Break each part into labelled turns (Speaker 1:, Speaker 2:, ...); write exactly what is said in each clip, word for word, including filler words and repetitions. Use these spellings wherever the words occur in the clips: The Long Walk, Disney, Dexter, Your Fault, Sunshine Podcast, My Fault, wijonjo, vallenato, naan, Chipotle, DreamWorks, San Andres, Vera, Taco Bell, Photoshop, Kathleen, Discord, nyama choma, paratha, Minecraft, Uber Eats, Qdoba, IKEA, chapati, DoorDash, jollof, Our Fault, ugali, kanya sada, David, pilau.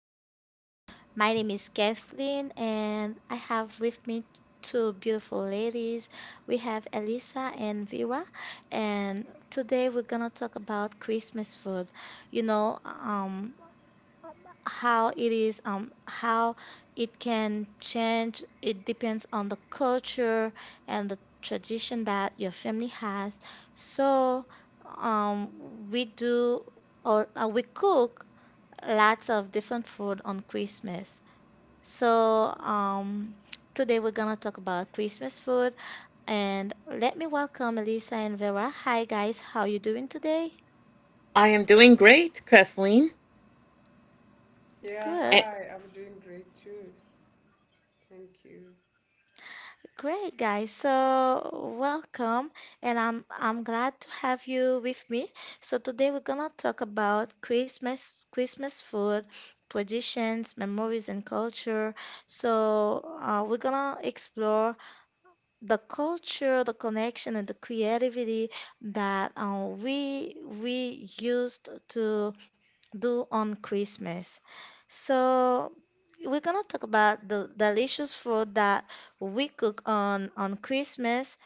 Speaker 1: Podcast. My name is Kathleen, and I have with me two beautiful ladies. We have Elisa and Vera, and today we're gonna talk about Christmas food. You know, um, how it is, um, how it can change. It depends on the culture and the tradition that your family has. So, um, we do or uh, we cook lots of different food on Christmas. So, um, today we're gonna talk about Christmas food, and let me welcome Elisa and Vera. Hi guys, how you doing today?
Speaker 2: I am doing great, Kathleen.
Speaker 3: Yeah,
Speaker 1: Good,
Speaker 2: And
Speaker 3: hi. I'm doing great too. Thank you.
Speaker 1: great guys. So welcome, and I'm I'm glad to have you with me. So today we're gonna talk about Christmas Christmas food. Traditions, memories, and culture. So, uh, we're gonna explore the culture, the connection, and the creativity that uh, we we used to do on Christmas. So we're gonna talk about the delicious food that we cook on on Christmas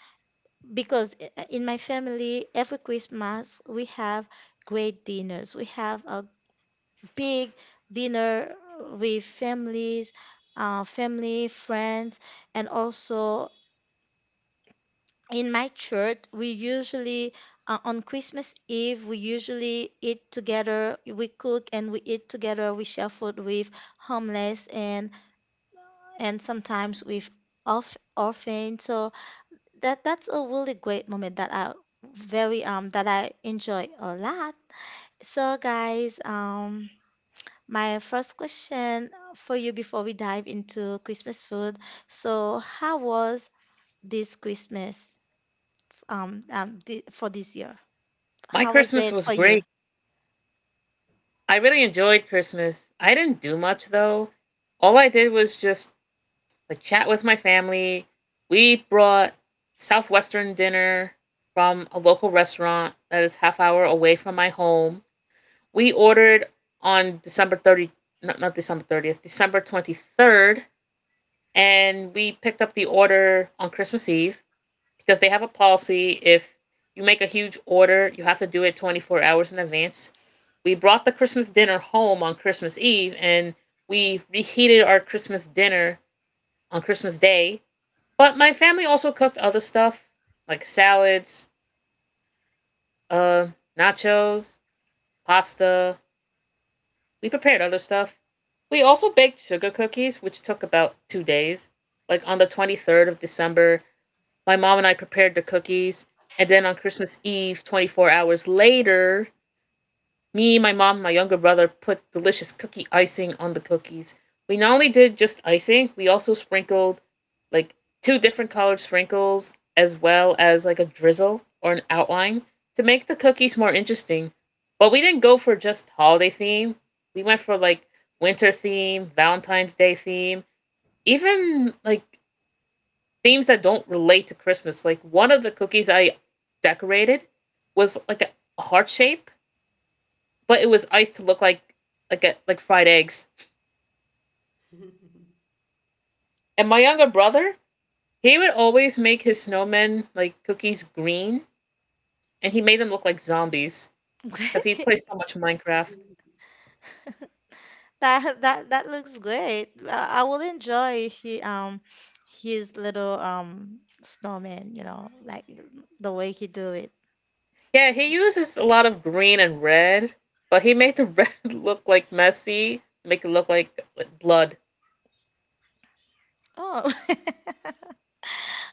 Speaker 1: because i- in my family every Christmas we have great dinners. We have a big dinner with families, uh, family, friends, and also in my church we usually uh, on christmas eve we usually eat together we cook and we eat together we share food with homeless and and sometimes with off orphan so that that's a really great moment that I very um that I enjoy a lot so guys um my first question for you before we dive into christmas food so how was this christmas um, um thi- for this year.
Speaker 2: my
Speaker 1: How was
Speaker 2: Christmas
Speaker 1: it
Speaker 2: was
Speaker 1: for
Speaker 2: great.
Speaker 1: you?
Speaker 2: I really enjoyed Christmas. I didn't do much though. All I did was just like chat with my family. We brought southwestern dinner from a local restaurant that is half hour away from my home. We ordered on December thirtieth, not, not December thirtieth, December twenty-third, and we picked up the order on Christmas Eve, because they have a policy: if you make a huge order, you have to do it twenty-four hours in advance. We brought the Christmas dinner home on Christmas Eve, and we reheated our Christmas dinner on Christmas Day. But my family also cooked other stuff like salads, uh, nachos, pasta. We prepared other stuff. We also baked sugar cookies, which took about two days. Like on the twenty-third of December, my mom and I prepared the cookies. And then on Christmas Eve, twenty-four hours later, me, my mom, and my younger brother put delicious cookie icing on the cookies. We not only did just icing, we also sprinkled like two different colored sprinkles as well as like a drizzle or an outline to make the cookies more interesting. But we didn't go for just holiday theme. We went for like winter theme, Valentine's Day theme, even like themes that don't relate to Christmas. Like one of the cookies I decorated was like a a heart shape, but it was iced to look like like a, like fried eggs. And my younger brother, he would always make his snowmen like cookies green, and he made them look like zombies because he plays so much Minecraft.
Speaker 1: That that that looks great. I, I will enjoy he um his little um snowman, you know, like the way he do it.
Speaker 2: Yeah, he uses a lot of green and red, but he made the red look like messy, make it look like like, blood.
Speaker 1: Oh.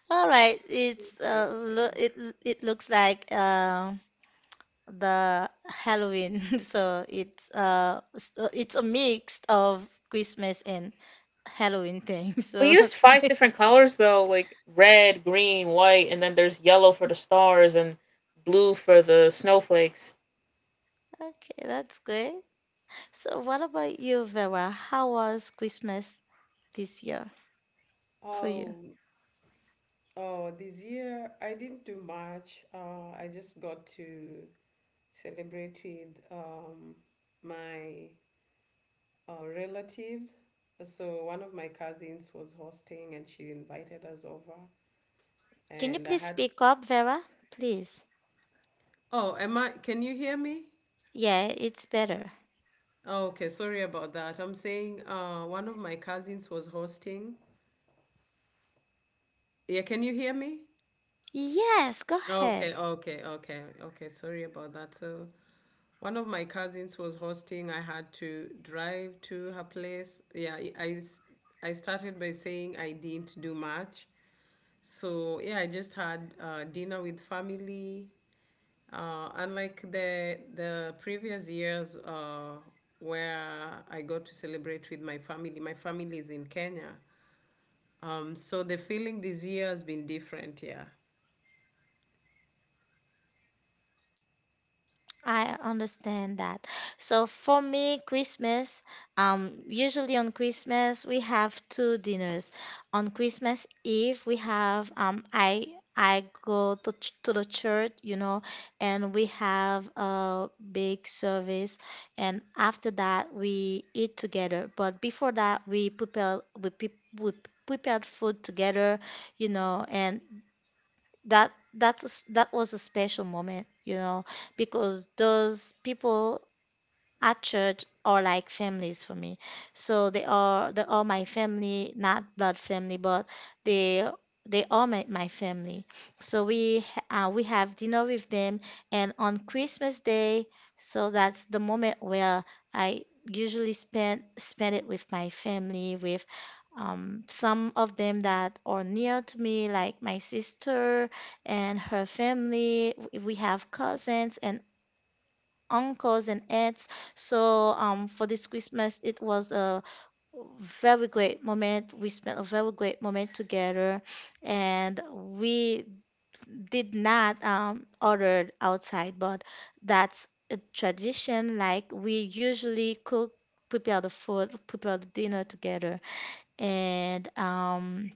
Speaker 1: All right, it's uh lo
Speaker 3: Interesting.
Speaker 1: it it looks like uh the Halloween. So it's uh s- uh, it's a mix of Christmas and Halloween thing.
Speaker 2: We
Speaker 1: So
Speaker 2: used five different colors though, like red, green, white, and then there's yellow for the stars and blue for the snowflakes.
Speaker 1: okay, that's great. So, what about you, Vera? How was Christmas this year for you?
Speaker 3: Oh, oh, this year I didn't do much. Uh, I just got to celebrate with um, my uh, relatives. So one of my cousins was hosting and she invited us over.
Speaker 1: Can you
Speaker 3: And I
Speaker 1: please
Speaker 3: had,
Speaker 1: speak up, Vera? Please.
Speaker 3: oh, am I, can you hear me?
Speaker 1: Yeah, it's better.
Speaker 3: Oh, okay, sorry about that. I'm saying uh, one of my cousins was hosting. Yeah, can you hear me?
Speaker 1: Yes, go ahead.
Speaker 3: Okay, okay, okay, okay. Sorry about that. So, one of my cousins was hosting. I had to drive to her place. Yeah, I, I s- I started by saying I didn't do much. So, yeah, I just had uh, dinner with family. Uh, unlike the the previous years uh, where I got to celebrate with my family. My family is in Kenya. Um, so the feeling this year has been different, yeah.
Speaker 1: I understand that. So for me, Christmas, um, usually on Christmas we have two dinners. On Christmas Eve, we have um, I I go to ch- to the church, you know, and we have a big service, and after that we eat together. But before that, we prepare we pe- we prepared food together, you know, and that that's a s- that was a special moment you know because those people at church are like families for me. So they are they are my family, not blood family, but they they are my, my family. So we ha- uh, we have dinner with them, and on Christmas Day, so that's the moment where I usually spend spend it with my family, with um, some of them that are near to me, like my sister and her family. W- We have cousins and uncles and aunts. So um, for this Christmas, it was a very great moment. We spent a very great moment together, and we did not um, order outside, but that's a tradition. Like we usually cook, prepare the food, prepare the dinner together, and um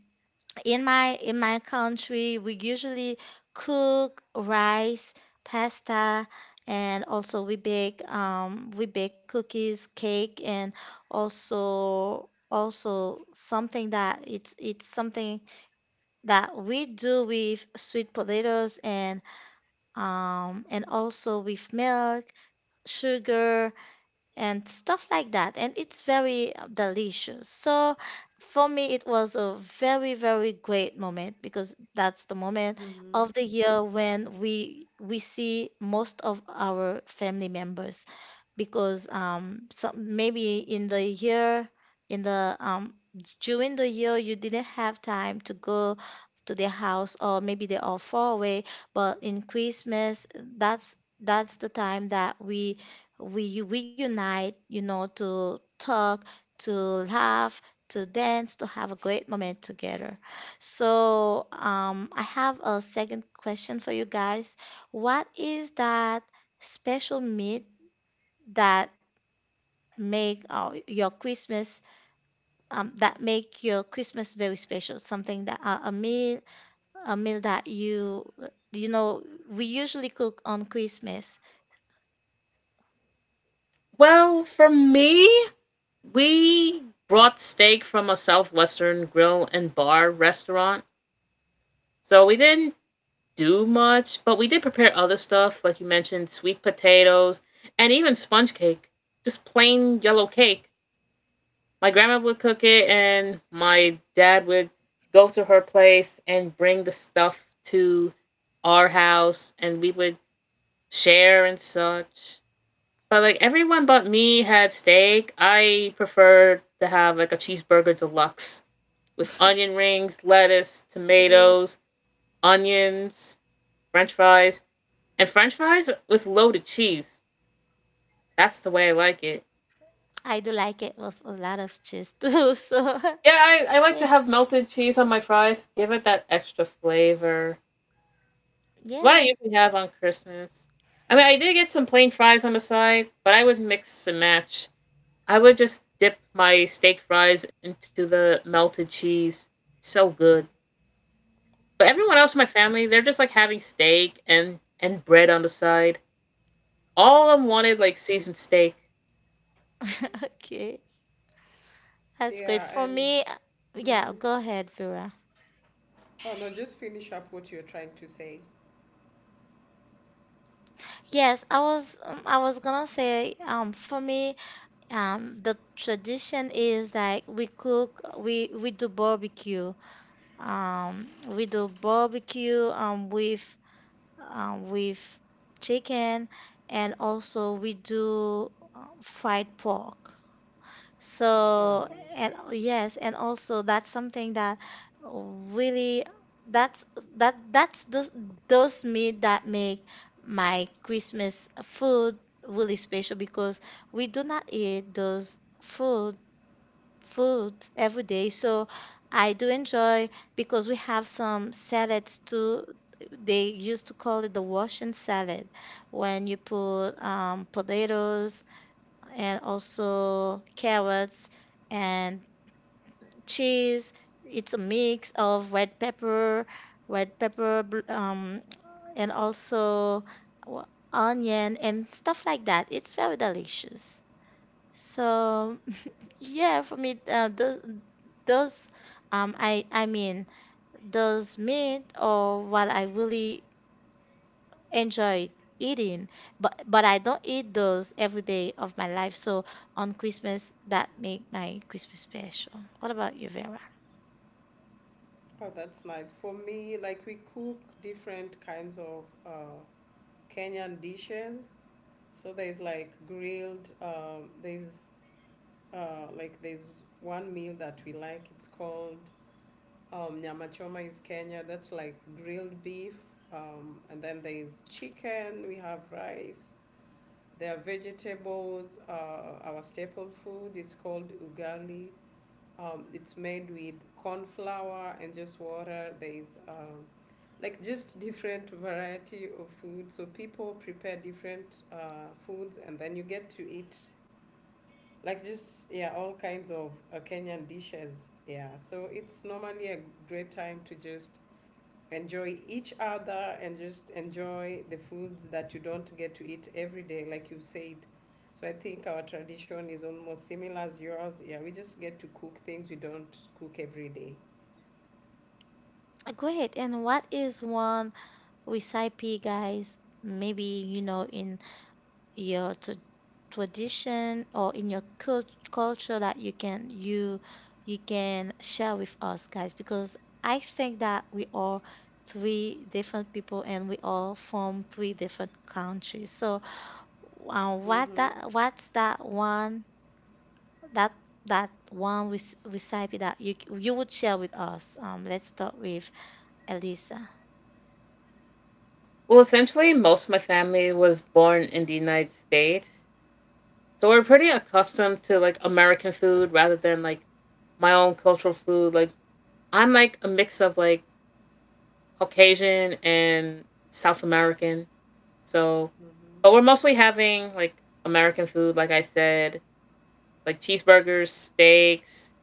Speaker 1: in my in my country we usually cook rice pasta and also we bake um we bake cookies cake and also also something that it's it's something that we do with sweet potatoes and um and also with milk sugar and stuff like that and it's very uh, delicious so for me it was a very very great moment because that's the moment
Speaker 3: Mm-hmm.
Speaker 1: of the year when we we see most of our family members because um some maybe in the year in the um during the year you didn't have time to go to their house or maybe they are far away but in Christmas that's that's the time that we we we unite you know to talk to laugh to dance to have a great moment together so um, I have a second question for you guys what is that special meat that make uh, your Christmas um, that make your Christmas very special. Something that uh, a meal a meal that you you know we usually cook on Christmas.
Speaker 2: Well, for me, we brought steak from a southwestern grill and bar restaurant. So we didn't do much, but we did prepare other stuff, like you mentioned, sweet potatoes and even sponge cake, just plain yellow cake. My grandma would cook it and my dad would go to her place and bring the stuff to our house and we would share and such. But like everyone but me had steak. I preferred to have like a cheeseburger deluxe with onion rings, lettuce,
Speaker 1: Yeah.
Speaker 2: tomatoes, onions, french fries, and french fries with loaded cheese. That's the way I like it.
Speaker 1: I do like it with a lot of cheese too. So
Speaker 2: Yeah, I, I like
Speaker 1: yeah,
Speaker 2: to have melted cheese on my fries. Give it that extra flavor. It's what I
Speaker 1: yeah.
Speaker 2: usually have on Christmas. I mean, I did get some plain fries on the side, but I would mix and match. I would just dip my steak fries into the melted cheese. So good. But everyone else in my family, they're just like having steak and and bread on the side. All of them wanted like seasoned steak.
Speaker 1: Okay, that's good
Speaker 3: Yeah,
Speaker 1: for
Speaker 3: and
Speaker 1: me. uh, Yeah,
Speaker 3: mhm.
Speaker 1: go ahead, Vera.
Speaker 3: Oh no, just finish up what you're trying to say.
Speaker 1: Yes, I was um, I was gonna say um for me um the tradition is like we cook we we do barbecue. Um, we do barbecue um, with um, with chicken, and also we do uh, fried pork.
Speaker 3: Oh,
Speaker 1: So,
Speaker 3: nice.
Speaker 1: and yes, and also that's something that really that's that that's those those meat that make my Christmas food really special because we do not eat those food food every day. So I do enjoy because we have some salads too. They used to call it the Russian salad when you put um, potatoes and also carrots and cheese. It's a mix of red pepper, red pepper, bl- um, and also w- onion and stuff like that. It's very delicious. So yeah, for me, uh, those those um, I I mean those meat or what I really enjoy eating, but but I don't eat those every day of my life. So on Christmas, that make my Christmas special. What about you, Vera?
Speaker 3: Oh, that's nice. For me, like we cook different kinds of uh, Kenyan dishes. So there's like grilled. Um, there's uh, like there's one meal that we like. It's called um, nyama choma is Kenya. That's like grilled beef. Um, and then there's chicken. We have rice. There are vegetables. Uh, our staple food is called ugali. Um, it's made with corn flour and just water. There is um, like just different variety of food. So people prepare different uh, foods, and then you get to eat like just yeah all kinds of uh, Kenyan dishes. Yeah, so it's normally a great time to just enjoy each other and just enjoy the foods that you don't get to eat every day, like you said. So I think our tradition is almost similar as yours. Yeah, we just get to cook things we don't cook every day.
Speaker 1: Uh, Go ahead. And what is one recipe, guys? Maybe you know in your t- tradition or in your cult- culture that you can you you can share with us guys because I think that we are three different people and we all from three different countries. So uh, what
Speaker 3: Mm-hmm.
Speaker 1: that what's that one that that one rec- recipe that you you would share with us? Um, let's start with Elisa.
Speaker 2: Well, essentially, most of my family was born in the United States, so we're pretty accustomed to like American food rather than like my own cultural food. Like I'm like a mix of like Caucasian and South American. So, but we're
Speaker 3: Mm-hmm.
Speaker 2: mostly having like American food, like I said, like cheeseburgers, steaks,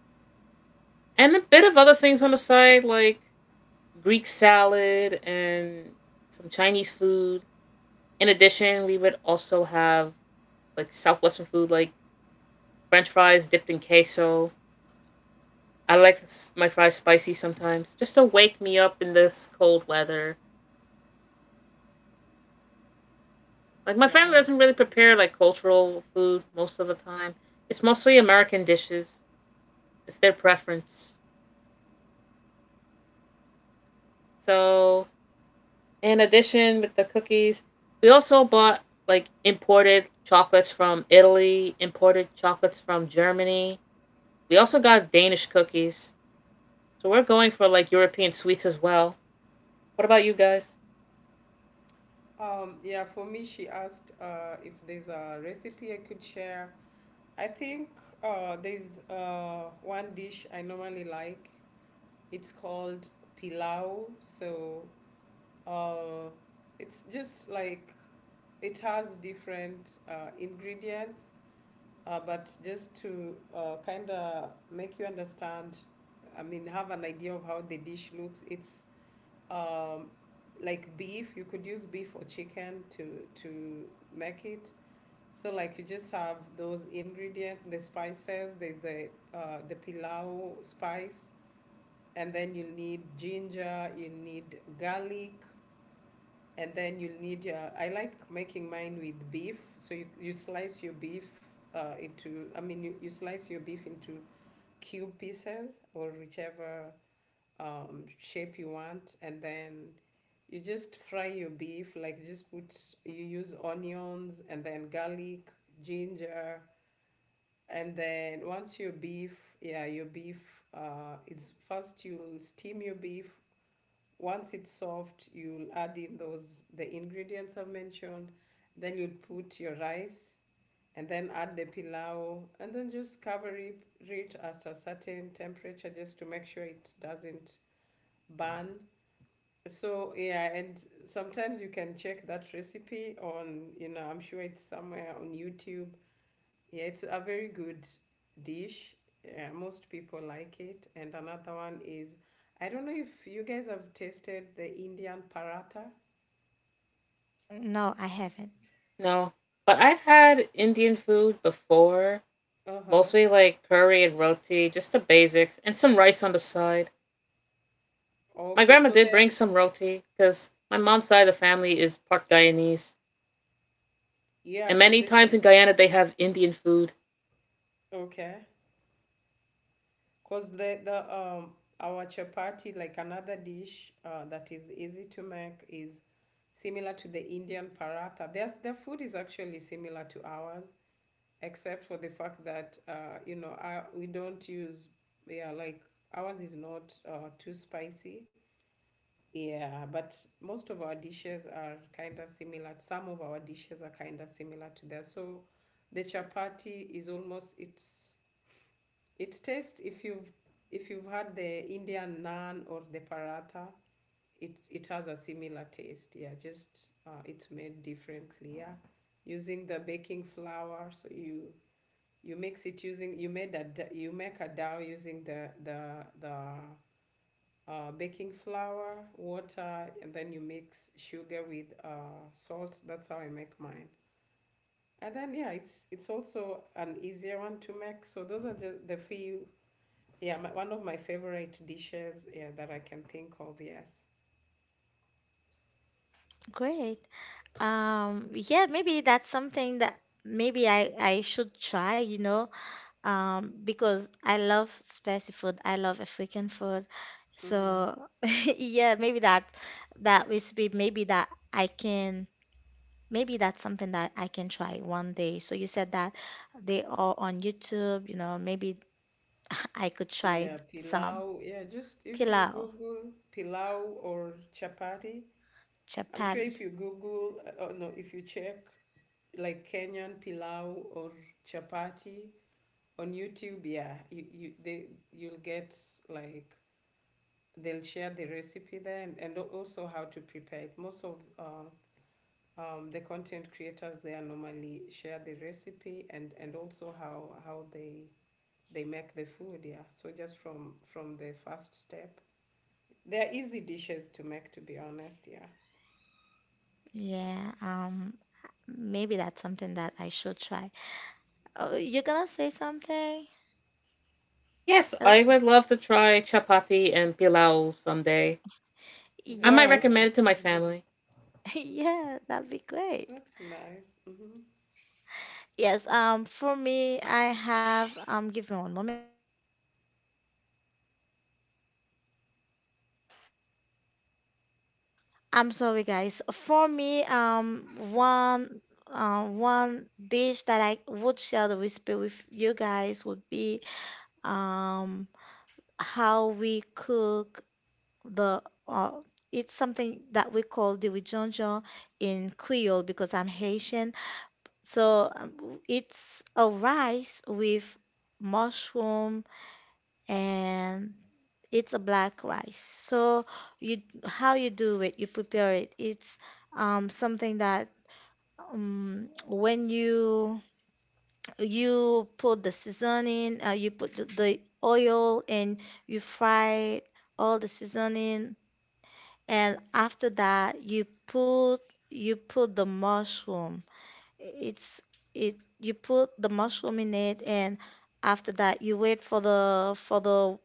Speaker 2: and a bit of other things on the side, like Greek salad and some Chinese food. In addition, we would also have like Southwestern food, like French fries dipped in queso. I like my fries spicy sometimes, just to wake me up in this cold weather. Like my family
Speaker 3: Nice.
Speaker 2: doesn't really prepare like cultural food most of the time. It's mostly American dishes. It's their preference. So in addition with the cookies, we also bought like imported chocolates from Italy, imported chocolates from Germany. We also got Danish cookies. So we're going for like European sweets as well. What about you guys?
Speaker 3: Um, yeah, for me, she asked uh, if there's a recipe I could share. I think uh, there's uh, one dish I normally like. It's called pilau. So Uh, it's just like it has different uh, ingredients, uh, but just to uh, kind of make you understand. I mean, have an idea of how the dish looks. It's um, like beef. You could use beef or chicken to to make it. So like you just have those ingredients, the spices. There's the uh, the pilau spice, and then you need ginger. You need garlic, and then you'll need your. I like making mine with beef. So you, you slice your beef uh, into. I mean, you, you slice your beef into cube pieces or whichever um, shape you want, and then you just fry your beef. Like just put. You use onions, and then garlic, ginger, and then once your beef, yeah, your beef uh, is first, you'll steam your beef. Once it's soft, you'll add in those the ingredients I've mentioned. Then you'll put your rice, and then add the pilau, and then just cover it, it at a certain temperature just to make sure it doesn't burn. So yeah, and sometimes you can check that recipe on, you know I'm sure it's somewhere on YouTube. Yeah, it's a very good dish. Yeah, most people like it. And another one is, I don't know if you guys have tasted the Indian paratha.
Speaker 1: No, I haven't.
Speaker 2: No. But I've had Indian food before,
Speaker 3: Uh-huh.
Speaker 2: mostly like curry and roti, just the basics, and some rice on the side. My
Speaker 3: Okay,
Speaker 2: grandma
Speaker 3: so
Speaker 2: did
Speaker 3: the
Speaker 2: bring some roti because my mom's side of the family is part Guyanese,
Speaker 3: yeah,
Speaker 2: and
Speaker 3: cause
Speaker 2: many
Speaker 3: the
Speaker 2: times
Speaker 3: chap
Speaker 2: in Guyana they have Indian food.
Speaker 3: okay. Cause the the um our chapati, like another dish uh, that is easy to make, is similar to the Indian paratha. There's, their food is actually similar to ours, except for the fact that uh, you know our, we don't use, yeah, like ours is not uh, too spicy. Yeah, but most of our dishes are kind of similar. Some of our dishes are kind of similar to theirs. So the chapati is almost, it's, it tastes, if you've if you've had the Indian naan or the paratha, it it has a similar taste. Yeah, just uh, it's made differently. Yeah, using the baking flour. So you you mix it using you made a you make a dough using the the the uh, baking flour, water, and then you mix sugar with uh, salt. That's how I make mine. And then yeah, it's it's also an easier one to make. So those are just the few yeah, my, one of my favorite dishes, yeah, that I can think of, yes.
Speaker 1: Great. Um, yeah, maybe that's something that maybe I I should try, you know, um, because I love spicy food. I love African food. So
Speaker 3: Hmm.
Speaker 1: yeah, maybe that that recipe, maybe that I can, maybe that's something that I can try one day. So you said that they are on YouTube, you know, maybe I could try
Speaker 3: Yeah,
Speaker 1: some
Speaker 3: pilau. Yeah, just if you
Speaker 1: pilau,
Speaker 3: Google pilau or chapati, I'm sure
Speaker 1: chapati.
Speaker 3: if you Google, uh, oh no, if you check like Kenyan pilau or chapati on YouTube. Yeah, you, you they you'll get, like, they'll share the recipe there, and, and al- also how to prepare it. Most of uh, um, the content creators there normally share the recipe, and and also how how they they make the food. Yeah, so just from from the first step, they're easy dishes to make, to be honest. Yeah.
Speaker 1: Yeah, um, maybe that's something that I should try. Oh, you're gonna say something?
Speaker 2: Yes,
Speaker 1: Uh,
Speaker 2: I would love to try chapati and pilau someday. I
Speaker 3: That's
Speaker 2: might
Speaker 1: yes,
Speaker 2: recommend
Speaker 3: nice.
Speaker 2: it to my family.
Speaker 1: yeah, that'd be great.
Speaker 3: That's nice. Hmm.
Speaker 1: Yes, um, for me, I have um, give me one moment. I'm sorry, guys. For me, um, one uh, one dish that I would share the recipe with you guys would be um how we cook the uh, it's something that we call the wijonjo in Creole because I'm Haitian. So um, it's a rice with mushroom and it's a black rice. So you how you do it, you prepare it. It's um, something that um, when you you put the seasoning, uh, you put the, the oil and you fry all the seasoning, and after that you put you put the mushroom. It's it you put the mushroom in it and after that you wait for the for the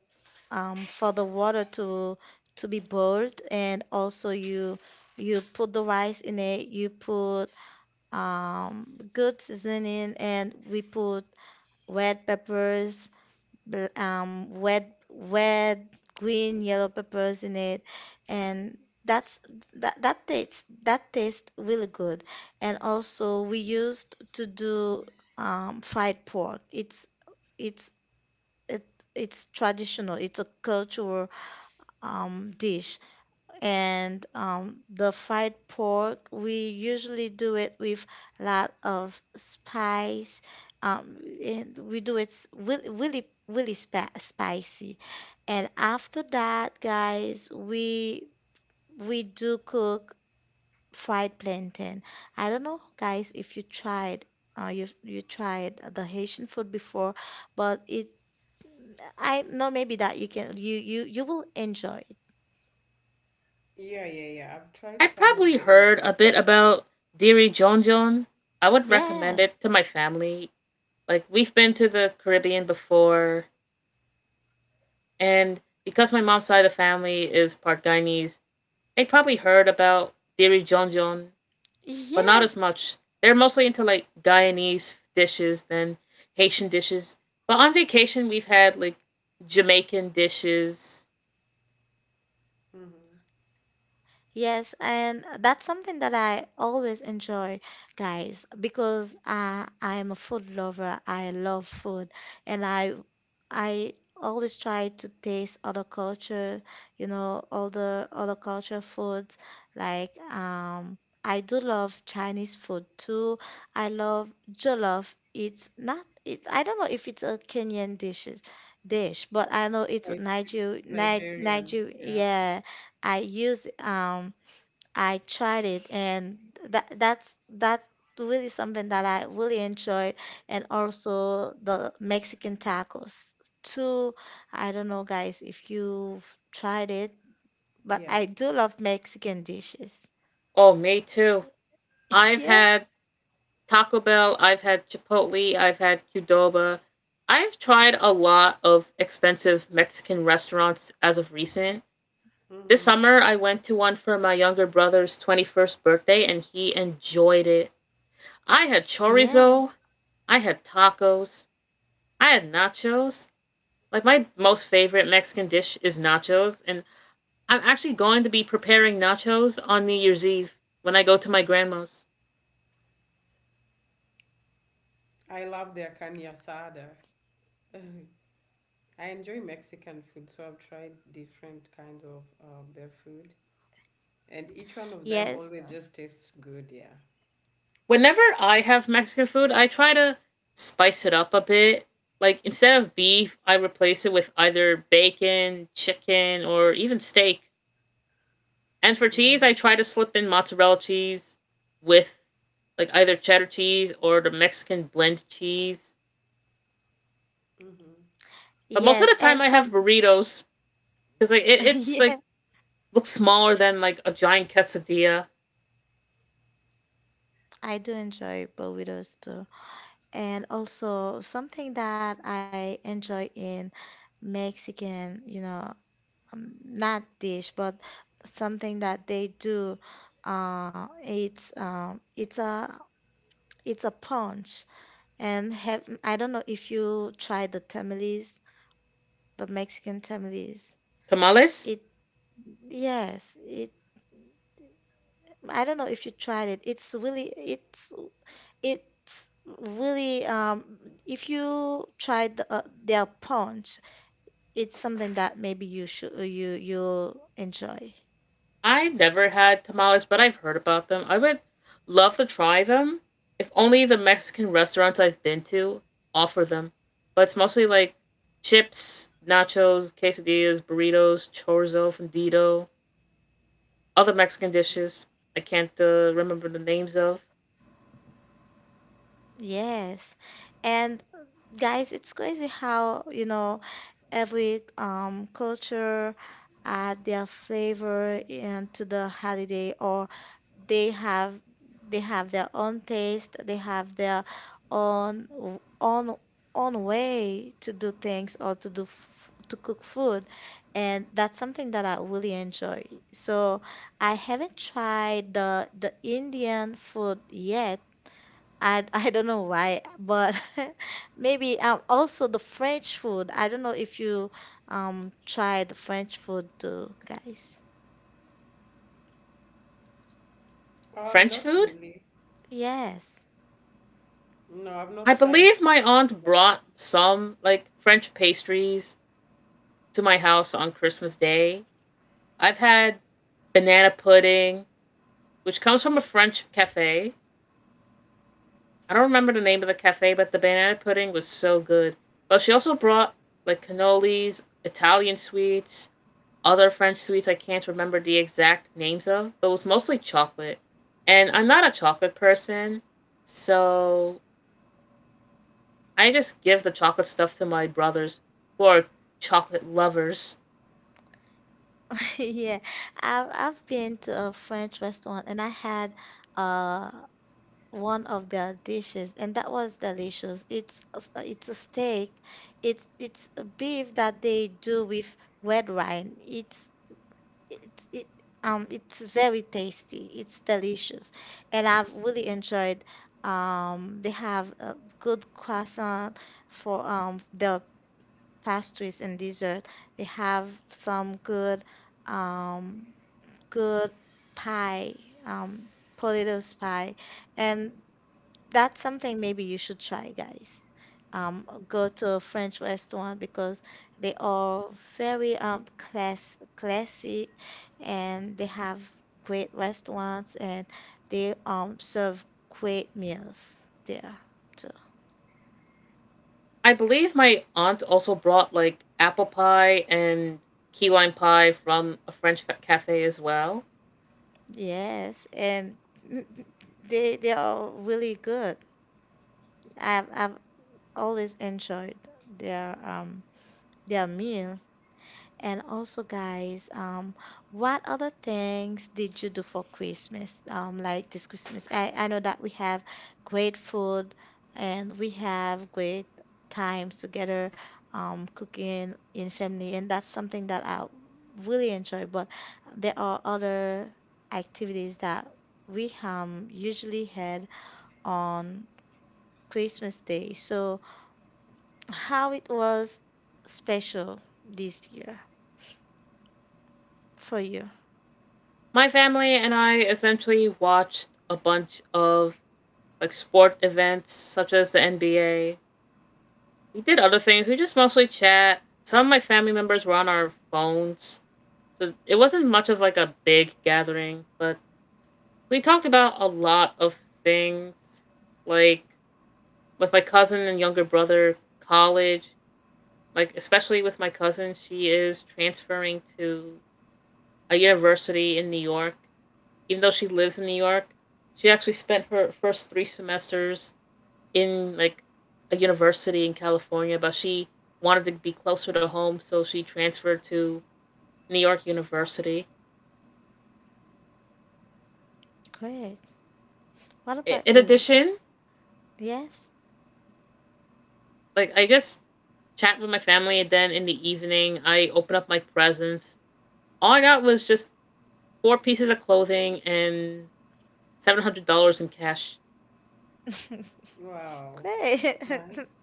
Speaker 1: um, for the water to to be boiled and also you you put the rice in it you put um, good seasoning and we put red peppers bl- um, red red green yellow peppers in it and that's that that tastes that tastes really good and also we used to do um, fried pork it's it's it, it's traditional it's a cultural um, dish. And um, the fried pork, we usually do it with a lot of spice. Um, and we do it s- really, really, really spa spicy. And after that, guys, we we do cook fried plantain. I don't know, guys, if you tried. Uh, you you tried the Haitian food before, but it I know maybe that you can you you you will enjoy it.
Speaker 3: Yeah, yeah, yeah, I've
Speaker 2: I
Speaker 3: tried some of
Speaker 2: probably
Speaker 3: the
Speaker 2: heard
Speaker 3: Asian
Speaker 2: a bit
Speaker 3: food.
Speaker 2: about Diri Jonjon. I would recommend
Speaker 1: Yes.
Speaker 2: it to my family. Like we've been to the Caribbean before, and because my mom's side of the family is part Guyanese, they probably heard about Diri Jonjon but not as
Speaker 1: Yes,
Speaker 2: much. They're mostly into like Guyanese dishes than Haitian dishes. But on vacation, we've had like Jamaican dishes.
Speaker 3: Hmm.
Speaker 1: yes, and that's something that I always enjoy, guys, because uh, I I'm a food lover. I love food, and I I always try to taste other culture, you know, all the other culture foods. Like um, I do love Chinese food too. I love jollof. It's not it. I don't know if it's a Kenyan dishes dish, but I know
Speaker 3: Oh,
Speaker 1: it's a
Speaker 3: it's it's
Speaker 1: Niger, Ni-
Speaker 3: Nigerian,
Speaker 1: Niger.
Speaker 3: yeah.
Speaker 1: Yeah, I use um I tried it, and that that's that really something that I really enjoy, and also the Mexican tacos too. I don't know, guys, if you've tried it, but I
Speaker 3: Yes.
Speaker 1: do love Mexican dishes.
Speaker 2: Oh, me too. I've
Speaker 1: Yeah,
Speaker 2: had Taco Bell, I've had Chipotle, I've had Qdoba. I've tried a lot of expensive Mexican restaurants as of recent. This
Speaker 3: Hmm.
Speaker 2: summer, I went to one for my younger brother's twenty-first birthday and he enjoyed it. I had
Speaker 1: yeah,
Speaker 2: chorizo, I had tacos, I had nachos. Like my most favorite Mexican dish is nachos, and I'm actually going to be preparing nachos on New Year's Eve when I go to my grandma's.
Speaker 3: I love their kanya sada. I enjoy Mexican food, so I've tried different kinds of um, their food, and each one of them
Speaker 1: yes,
Speaker 3: always just tastes good, yeah.
Speaker 2: Whenever I have Mexican food, I try to spice it up a bit. Like instead of beef, I replace it with either bacon, chicken, or even steak. And for cheese,
Speaker 3: Mm-hmm.
Speaker 2: I try to slip in mozzarella cheese with like either cheddar cheese or the Mexican blend cheese.
Speaker 3: Mm-hmm.
Speaker 2: But most of
Speaker 1: yes,
Speaker 2: the time,
Speaker 1: and
Speaker 2: I have
Speaker 1: some
Speaker 2: burritos because like it, it's like
Speaker 1: yes,
Speaker 2: looks smaller than like a giant quesadilla.
Speaker 1: I do enjoy burritos too, and also something that I enjoy in Mexican, you know. Um, not dish, but something that they do. Uh, it's um, it's a it's a punch, and have I don't know if you try the tamales, the Mexican tamales.
Speaker 2: Tamales?
Speaker 1: It yes, it I don't know if you tried it. It's really it's it's really um, if you tried the, uh, their punch, it's something that maybe you should you you'll enjoy.
Speaker 2: I never had tamales, but I've heard about them. I would love to try them. If only the Mexican restaurants I've been to offer them. But it's mostly like chips, nachos, quesadillas, burritos, chorizo, fundido, other Mexican dishes I can't uh, remember the names of.
Speaker 1: Yes. And guys, it's crazy how you know every um culture add their flavor into the holiday, or they have they have their own taste, they have their own own own way to do things or to do f- to cook food, and that's something that I really enjoy. So I haven't tried the the Indian food yet, and I don't know why, but maybe um, also the French food. I don't know if you um try the French food too, guys.
Speaker 3: Um,
Speaker 2: French
Speaker 3: not
Speaker 2: food?
Speaker 3: really.
Speaker 1: Yes.
Speaker 3: No, I've
Speaker 2: I
Speaker 3: not tried.
Speaker 2: believe my aunt brought some like French pastries to my house on Christmas Day. I've had banana pudding, which comes from a French cafe. I don't remember the name of the cafe, but the banana pudding was so good. But she also brought like cannolis, Italian sweets, other French sweets I can't remember the exact names of, but it was mostly chocolate. And I'm not a chocolate person, so I just give the chocolate stuff to my brothers who are chocolate lovers.
Speaker 1: Yeah, I've I've been to a French restaurant and I had uh one of their dishes, and that was delicious. It's a s- it's a steak. It's it's a beef that they do with red wine. It's it's it um it's very tasty. It's delicious, and I've really enjoyed. Um, they have a good croissant for um their pastries and dessert. They have some good um good pie, um potatoes pie, and that's something maybe you should try, guys. Um, go to a French restaurant because they are very um class classy, and they have great restaurants, and they um serve great meals there too.
Speaker 2: I believe my aunt also brought like apple pie and key lime pie from a French fa- cafe as well.
Speaker 1: Yes, and they they are really good. I've I've always enjoyed their um their meal. And also, guys, um, what other things did you do for Christmas? Um, like this Christmas, I, I know that we have great food and we have great times together, um, cooking in family, and that's something that I really enjoy. But there are other activities that we um usually had on Christmas Day. So how it was special this year for you?
Speaker 2: My family and I essentially watched a bunch of like sport events such as the N B A. We did other things. We just mostly chat. Some of my family members were on our phones. So it wasn't much of like a big gathering, but we talked about a lot of things like with my cousin and younger brother, college. Like especially with my cousin, she is transferring to a university in New York. Even though she lives in New York, she actually spent her first three semesters in like a university in California, but she wanted to be closer to home, so she transferred to New York University.
Speaker 1: Great. What about
Speaker 2: In
Speaker 1: you?
Speaker 2: addition,
Speaker 1: Yes.
Speaker 2: like I just chat with my family, and then in the evening, I open up my presents. All I got was just four pieces of clothing and seven hundred dollars in cash.
Speaker 3: Wow,
Speaker 1: Great.
Speaker 3: that's nice.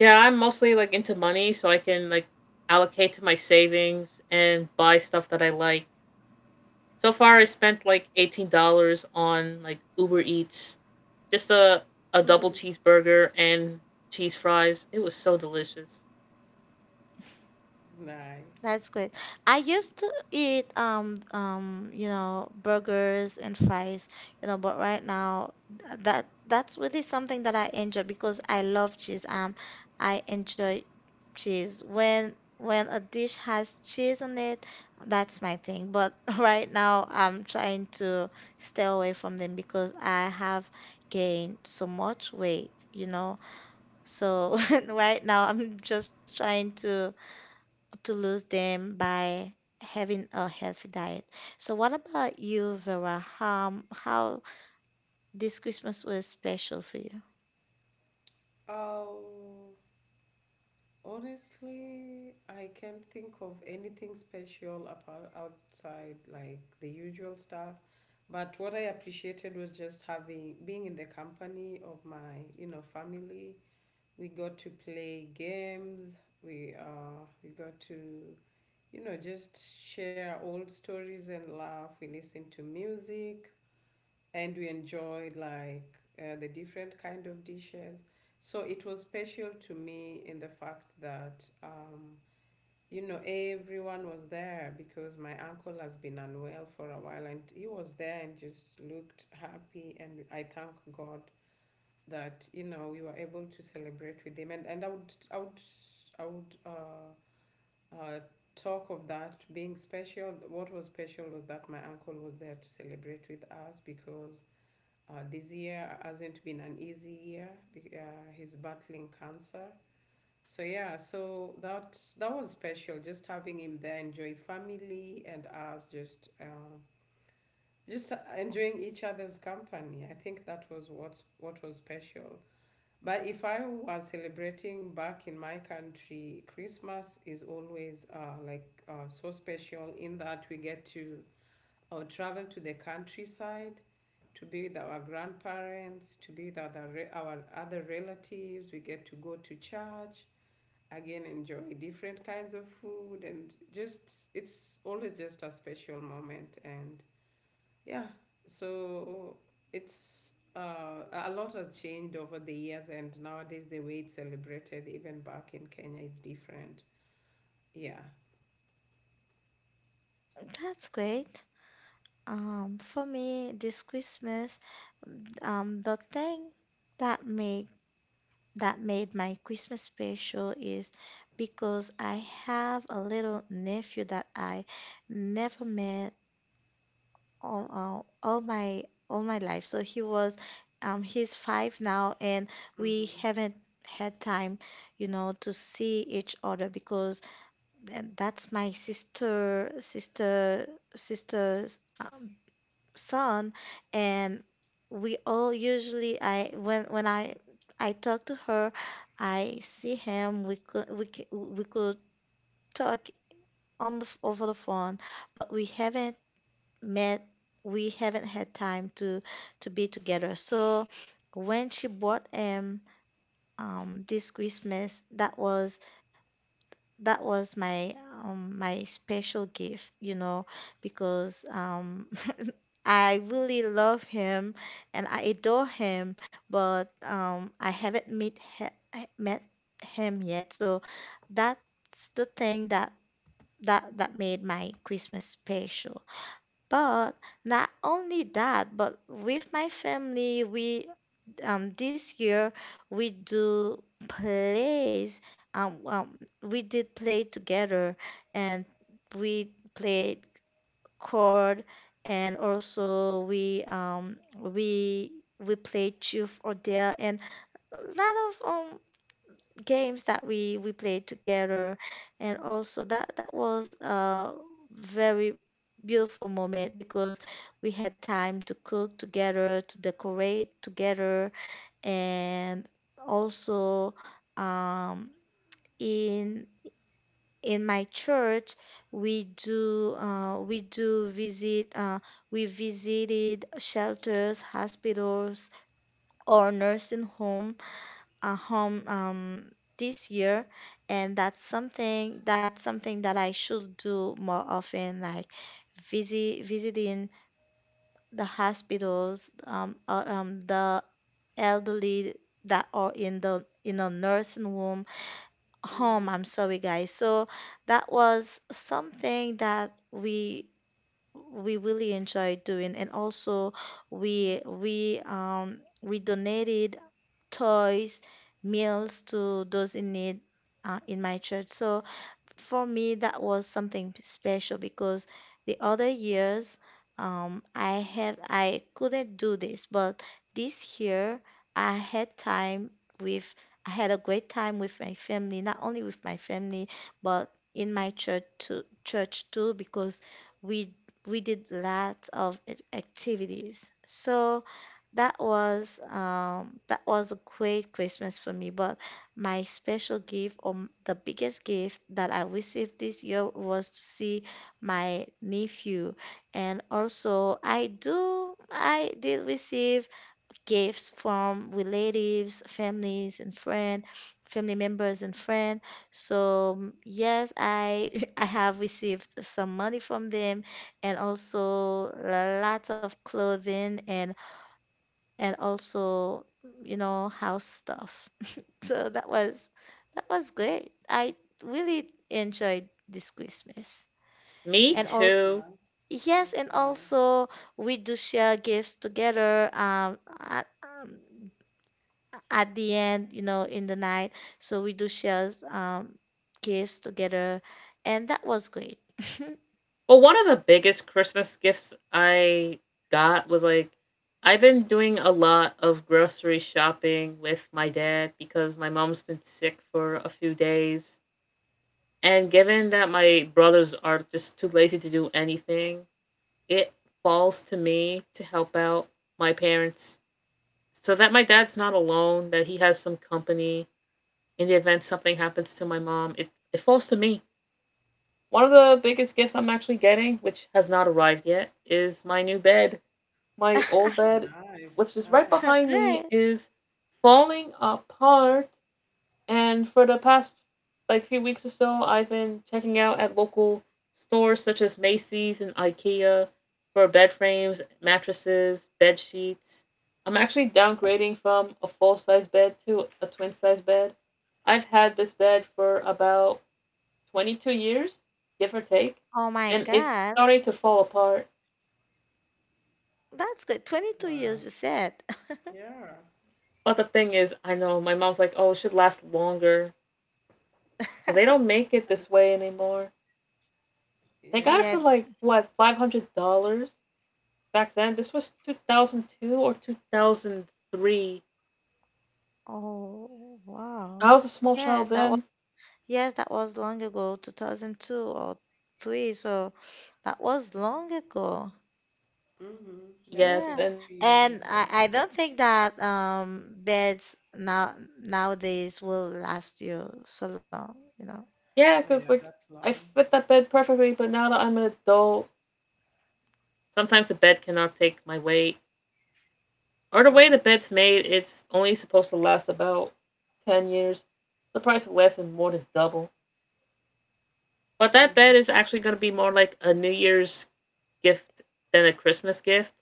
Speaker 2: Yeah, I'm mostly like into money, so I can like allocate to my savings and buy stuff that I like. So far, I spent like eighteen dollars on like Uber Eats, just a a double cheeseburger and cheese fries. It was so delicious.
Speaker 3: Nice.
Speaker 1: That's great. I used to eat um um you know burgers and fries, you know, but right now th- that that's really something that I enjoy because I love cheese. Um, I enjoy cheese. When when a dish has cheese on it, that's my thing. But right now I'm trying to stay away from them because I have gained so much weight, you know. So right now I'm just trying to to lose them by having a healthy diet. So what about you, Vera? How how this Christmas was special for you?
Speaker 3: Oh, honestly, I can't think of anything special apart outside like the usual stuff. But what I appreciated was just having being in the company of my, you know, family. We got to play games. We uh we got to, you know just share old stories and laugh. We listened to music, and we enjoyed like uh, the different kind of dishes. So it was special to me in the fact that, um you know everyone was there because my uncle has been unwell for a while, and he was there and just looked happy, and I thank God that, you know we were able to celebrate with them. And, and I would I would I would uh, uh, talk of that being special. What was special was that my uncle was there to celebrate with us, because uh, this year hasn't been an easy year. Uh, he's battling cancer. So yeah, so that that was special, just having him there, enjoy family, and us just um, just uh, enjoying each other's company. I think that was what's what was special. But if I was celebrating back in my country, Christmas is always uh, like uh, so special in that we get to uh, travel to the countryside to be with our grandparents, to be with other our other relatives. We get to go to church again, enjoy different kinds of food, and just, it's always just a special moment. And yeah, so it's uh, a a lot has changed over the years, and nowadays the way it's celebrated, even back in Kenya, is different. Yeah.
Speaker 1: That's great. Um, for me, this Christmas, um, the thing that made that made my Christmas special is because I have a little nephew that I never met all, all, all my all my life. So he was, um, he's five now, and we
Speaker 3: Mm-hmm.
Speaker 1: haven't had time, you know, to see each other because th- that's my sister sister sister's um, son, and we all usually I when when I I talk to her, I see him. We could we c- we could talk on the f- over the phone, but we haven't met, we haven't had time to to be together. So when she bought him um this Christmas, that was that was my um my special gift, you know, because um I really love him and I adore him, but um I haven't met he- met him yet. So that's the thing that that that made my Christmas special. But not only that, but with my family, we um this year, we do plays. Um, um we did play together, and we played chord, and also we um we we played truth or dare, and a lot of um games that we we played together. And also that that was a very beautiful moment because we had time to cook together, to decorate together, and also um, in in my church, we do uh, we do visit uh, we visited shelters, hospitals, or nursing homes, uh, home um, this year, and that's something that's something that I should do more often, like visit visiting the hospitals, um, or, um, the elderly that are in the in a nursing home. Home,
Speaker 3: Mm-hmm.
Speaker 1: I'm sorry, guys. So that was something that we we really enjoyed doing, and also we we um we donated toys, meals to those in need, uh, in my church. So for me, that was something special because the other years, um, I have I couldn't do this, but this year I had time with I had a great time with my family, not only with my family but in my church too, church too because we we did lots of ac- activities. So that was, um, that was a great Christmas for me, but my special gift, or m- the biggest gift that I received this year, was to see my nephew. And also, I do, I did receive gifts from relatives, families, and friend, family members and friend. So mm, yes, I I have received some money from them, and also lots of clothing, and and also you know, house stuff. So that was that was great. I really enjoyed this Christmas.
Speaker 2: Me
Speaker 1: And
Speaker 3: Yeah,
Speaker 1: also
Speaker 3: that's
Speaker 2: too.
Speaker 3: nice.
Speaker 1: yes,
Speaker 3: That's
Speaker 1: and
Speaker 3: nice.
Speaker 1: also we do share gifts together um at, um at the end, you know, in the night. So we do share um gifts together, and that was great.
Speaker 2: Well, one of the biggest Christmas gifts I got was like I've been doing a lot of grocery shopping with my dad because my mom's been sick for a few days. And given that my brothers are just too lazy to do anything, it falls to me to help out my parents so that my dad's not alone, that he has some company in the event something happens to my mom. It, it falls to me. One of the biggest gifts I'm actually getting, which has not arrived yet, is my new bed. My old
Speaker 3: Oh,
Speaker 2: bed,
Speaker 3: nice,
Speaker 2: which is right
Speaker 3: nice.
Speaker 2: behind me,
Speaker 1: Good.
Speaker 2: is falling apart, and for the past like few weeks or so, I've been checking out at local stores such as Macy's and IKEA for bed frames, mattresses, bed sheets. I'm actually downgrading from a full size bed to a twin size bed. I've had this bed for about twenty-two years, give or take,
Speaker 1: Oh my
Speaker 2: and it's
Speaker 1: God.
Speaker 2: starting to fall apart.
Speaker 1: That's good. twenty-two years,
Speaker 3: Wow.
Speaker 1: you said.
Speaker 3: Yeah,
Speaker 2: But the thing is, I know my mom's like, oh, it should last longer because they don't make it this way anymore. They got it
Speaker 3: yeah.
Speaker 2: for
Speaker 1: Yeah.
Speaker 2: like, what, five hundred dollars? Back then. This was two thousand two or two thousand three.
Speaker 1: Oh,
Speaker 2: I
Speaker 1: wow.
Speaker 2: was a small
Speaker 1: Yes,
Speaker 2: child
Speaker 1: that
Speaker 2: then.
Speaker 1: Yes, that was long ago. two thousand two or three, so that was long ago.
Speaker 3: Mm-hmm. That's
Speaker 2: Yes,
Speaker 1: Yeah.
Speaker 2: and
Speaker 3: twenty-two years
Speaker 1: And I,
Speaker 3: ago.
Speaker 1: I don't think that um beds now nowadays will last you so long, you know.
Speaker 2: yeah, because
Speaker 3: Yeah,
Speaker 2: like
Speaker 3: that's
Speaker 2: I
Speaker 3: long.
Speaker 2: fit that bed perfectly, but now that I'm an adult, sometimes the bed cannot take my weight. Or the way
Speaker 3: Mm-hmm.
Speaker 2: the bed's made, it's only supposed to last about ten years. The price of less than more than double. But that
Speaker 3: Mm-hmm.
Speaker 2: bed is actually going to be more like a New Year's gift than a Christmas gift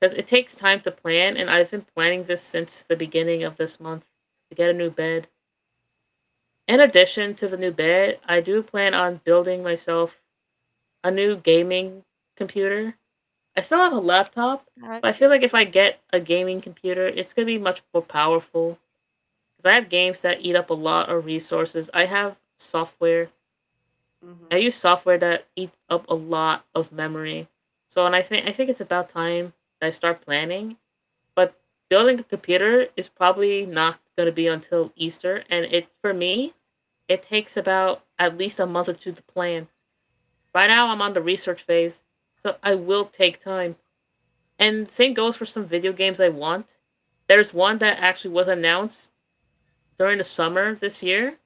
Speaker 2: because it takes time to plan, and I've been planning this since the beginning of this month to get a new bed. In addition to the new bed, I do plan on building myself a new gaming computer. I still have a laptop, but I
Speaker 1: Okay.
Speaker 2: feel like if I
Speaker 3: Mm-hmm.
Speaker 2: get a gaming computer, it's going to be much more powerful because I have games that eat up a lot of resources. I have software. I
Speaker 3: Mm-hmm.
Speaker 2: use software that eats up a lot of memory. So, and I think I think it's about time that I start planning. But building a computer is probably not going to be until Easter, and it for me it takes about at least a month or two to plan. Right now, I'm on the research phase, so I will take time. And same goes for some video games I want. There's one that actually was announced during the summer this year.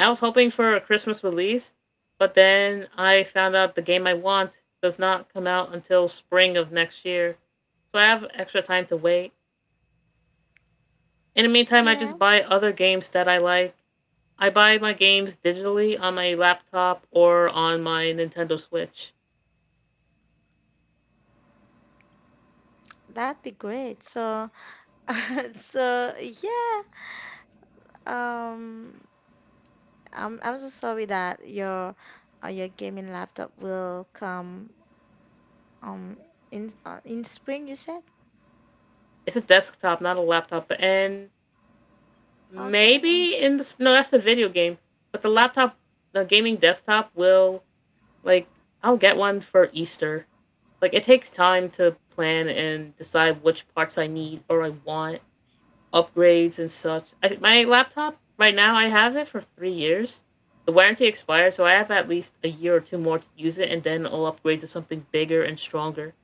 Speaker 2: I was hoping for a Christmas release, but then I found out the game I want does not come out until spring of next year. So I have extra time to wait. In the meantime, I
Speaker 1: Yeah,
Speaker 2: just buy other games that I like. I buy my games digitally on my laptop or on my Nintendo Switch.
Speaker 1: that'd be great. So so yeah, um I'm I'm so sorry that your uh, your gaming laptop will come um in uh, in spring, you said?
Speaker 2: It's a desktop, not a laptop. And
Speaker 1: Okay, I'm
Speaker 2: maybe in the no, that's the video game. But the laptop, the gaming desktop will, like, I'll get one for Easter. Like, it takes time to plan and decide which parts I need or I want. Upgrades and such. I, my laptop right now, I have it for three years. The warranty expired, so I have at least a year or two more to use it, and then I'll upgrade to something bigger and stronger.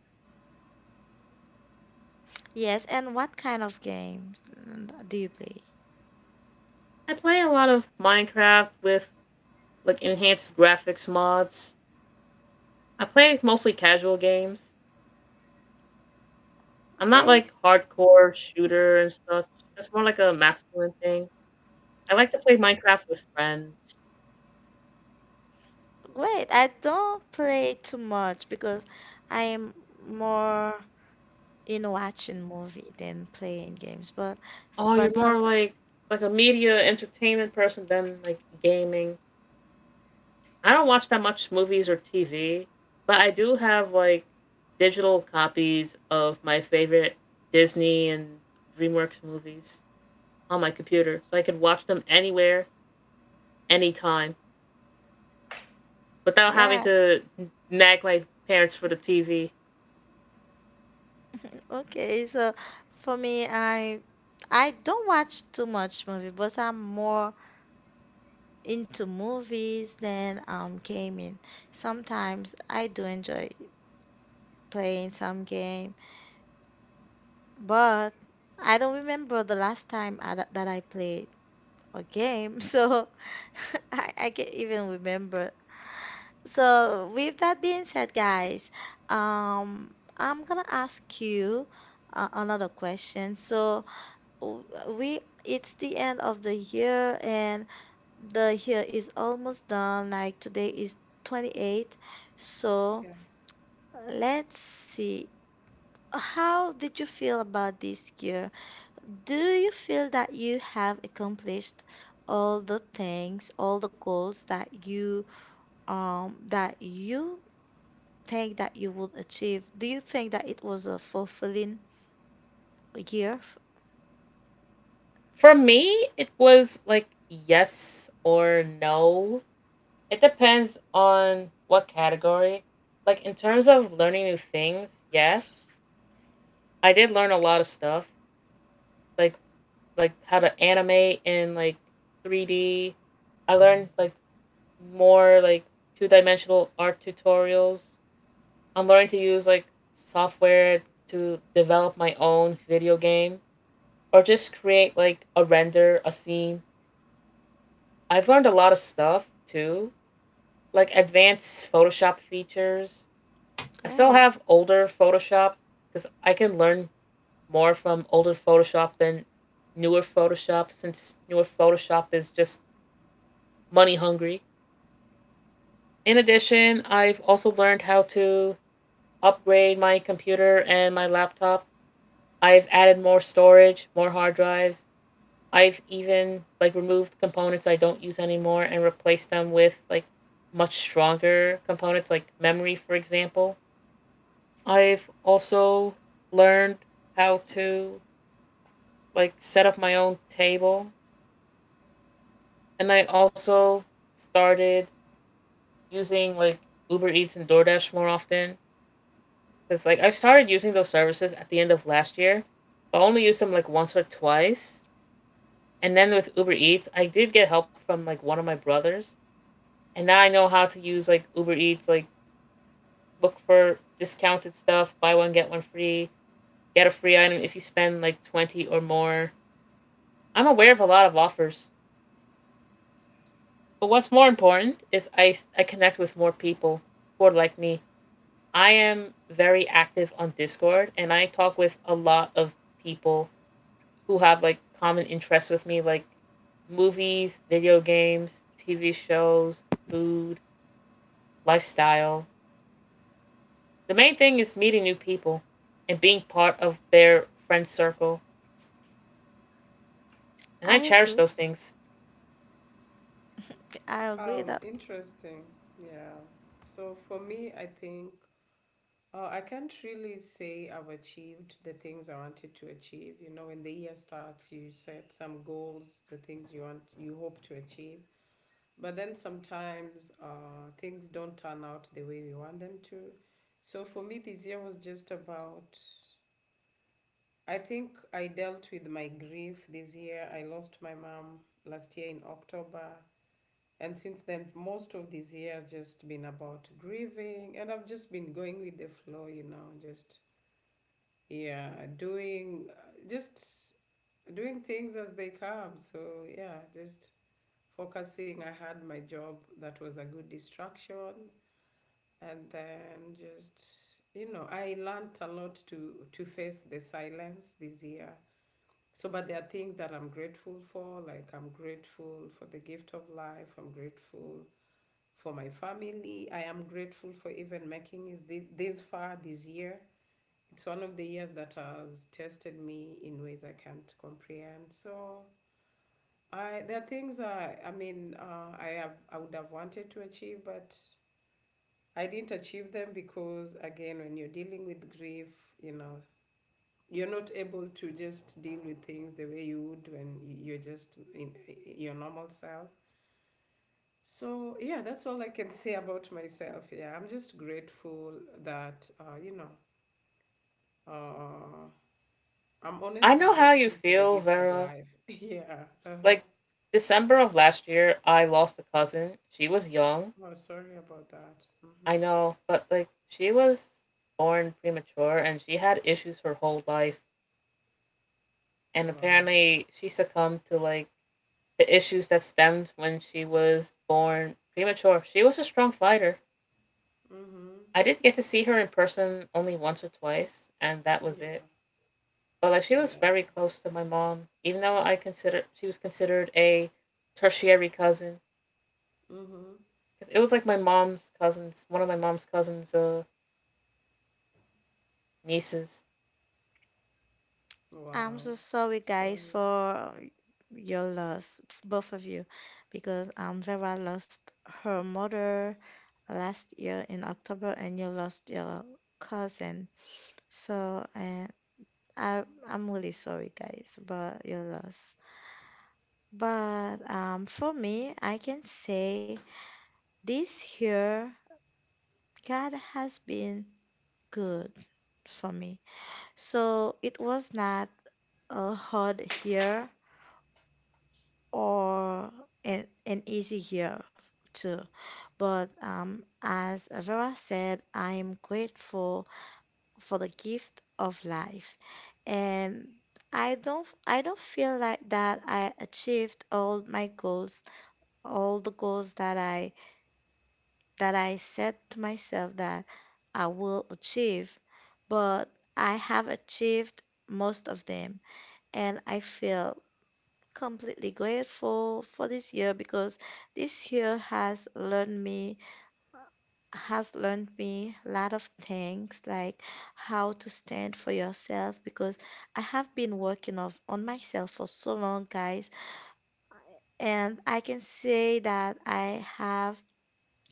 Speaker 1: Yes, and what kind of games, mm, do you play?
Speaker 2: I play a lot of Minecraft with like enhanced graphics mods. I play mostly casual games. I'm not like
Speaker 1: Okay,
Speaker 2: hardcore shooter and stuff. That's more like a masculine thing. I like to play Minecraft with friends.
Speaker 1: great. I don't play too much because I am more in watching movie than playing games. But s-
Speaker 2: Oh, you're
Speaker 1: but
Speaker 2: more
Speaker 1: some
Speaker 2: like like a media entertainment person than like gaming. I don't watch that much movies or T V, but I do have like digital copies of my favorite Disney and DreamWorks movies on my computer. So I could watch them anywhere, anytime, without having
Speaker 1: yeah,
Speaker 2: to nag my parents for the T V.
Speaker 1: okay. So for me, I I don't watch too much movie, but I'm more into movies than um gaming. Sometimes I do enjoy playing some game. But I don't remember the last time I, that that I played a game, so I, I can't even remember. So with that being said, guys, um, I'm gonna ask you uh, another question. So w- we, it's the end of the year and the year is almost done. Like today is twenty-eighth. So
Speaker 3: Yeah.
Speaker 1: let's see. How did you feel about this year? Do you feel that you have accomplished all the things, all the goals that you um that you think that you will achieve? Do you think that it was a fulfilling year?
Speaker 2: For me, it was like yes or no. It depends on what category. Like, in terms of learning new things, yes. I did learn a lot of stuff. Like like how to animate in like three D. I learned like more like two dimensional art tutorials. I'm learning to use like software to develop my own video game or just create like a render, a scene. I've learned a lot of stuff too, like advanced Photoshop features. I still
Speaker 1: Great.
Speaker 2: have older Photoshop because I can learn more from older Photoshop than newer Photoshop since newer Photoshop is just money hungry. In addition, I've also learned how to upgrade my computer and my laptop. I've added more storage, more hard drives. I've even like removed components I don't use anymore and replaced them with like much stronger components like memory, for example. I've also learned how to like set up my own table, and I also started using like Uber Eats and DoorDash more often. Cause like I started using those services at the end of last year, but I only used them like once or twice. And then with Uber Eats, I did get help from like one of my brothers, and now I know how to use like Uber Eats, like look for discounted stuff, buy one get one free, get a free item if you spend like twenty or more. I'm aware of a lot of offers, but what's more important is I I connect with more people who are like me. I am very active on Discord, and I talk with a lot of people who have like common interests with me, like movies, video games, T V shows, food, lifestyle. The main thing is meeting new people and being part of their friend circle. And I
Speaker 1: I
Speaker 2: cherish
Speaker 1: agree.
Speaker 2: those things.
Speaker 1: I
Speaker 3: Um,
Speaker 1: agree that
Speaker 3: interesting. Yeah. So for me, I think uh, I can't really say I've achieved the things I wanted to achieve. You know, when the year starts, you set some goals, the things you want, you hope to achieve. But then sometimes uh, things don't turn out the way we want them to. So for me, this year was just about. I think I dealt with my grief this year. I lost my mom last year in October. And since then, most of this year has just been about grieving, and I've just been going with the flow, you know, just yeah, doing just doing things as they come. So yeah, just focusing. I had my job that was a good distraction, and then just, you know, I learned a lot to to face the silence this year. So, but there are things that I'm grateful for. Like I'm grateful for the gift of life. I'm grateful for my family. I am grateful for even making it this far this year. It's one of the years that has tested me in ways I can't comprehend. So I there are things I I mean, uh, I have I would have wanted to achieve, but I didn't achieve them because again, when you're dealing with grief, you know you're not able to just deal with things the way you would when you're just in your normal self. So, yeah, that's all I can say about myself. Yeah, I'm just grateful that, uh, you know, uh, I'm
Speaker 2: I
Speaker 3: honestly
Speaker 2: know how you
Speaker 3: grateful for the
Speaker 2: feel,
Speaker 3: gift of
Speaker 2: Vera.
Speaker 3: life. Yeah. Uh-huh.
Speaker 2: Like, December of last year, I lost a cousin. She was young.
Speaker 3: Oh, sorry about that.
Speaker 2: I
Speaker 3: Mm-hmm.
Speaker 2: know, but like she was born premature and she had issues her whole life. And
Speaker 3: Wow.
Speaker 2: apparently she succumbed to like the issues that stemmed when she was born premature. She was a strong fighter.
Speaker 3: Mm-hmm.
Speaker 2: I did get to see her in person only once or twice, and that was it.
Speaker 3: Yeah.
Speaker 2: But like she was
Speaker 3: Yeah.
Speaker 2: very close to my mom, even though I consider she was considered a tertiary cousin.
Speaker 3: Mm-hmm.
Speaker 2: Cause it was like my mom's cousins, one of my mom's cousins' uh, nieces.
Speaker 1: I'm so
Speaker 3: Wow.
Speaker 1: sorry, guys,
Speaker 3: Sorry.
Speaker 1: for your loss, both of you, because um Vera lost her mother last year in October, and you lost your cousin. So, uh, I, I'm really sorry, guys, about your loss. But um, for me, I can say this year, God has been good for me. So it was not a hard year or an, an easy year too. But um, as Vera said, I am grateful for the gift of life, and I don't I don't feel like that I achieved all my goals, all the goals that I that I set to myself that I will achieve, but I have achieved most of them, and I feel completely grateful for this year because this year has learned me has learned me a lot of things, like how to stand for yourself, because I have been working of, on myself for so long, guys, and I can say that I have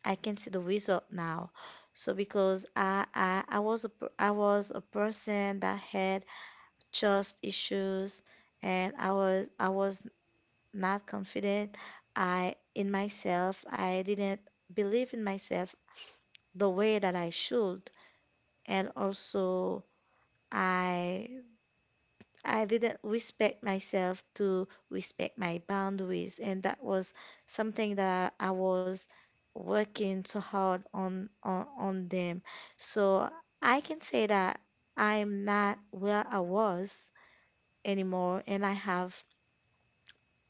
Speaker 1: I can see the result now. So because I I, I was a, per- I was a person that had trust issues, and I was I was not confident. I In myself I didn't believe in myself the way that I should, and also I I didn't respect myself, to respect my boundaries, and that was something that I was working so hard on, on, on them. So I can say that I'm not where I was anymore, and I have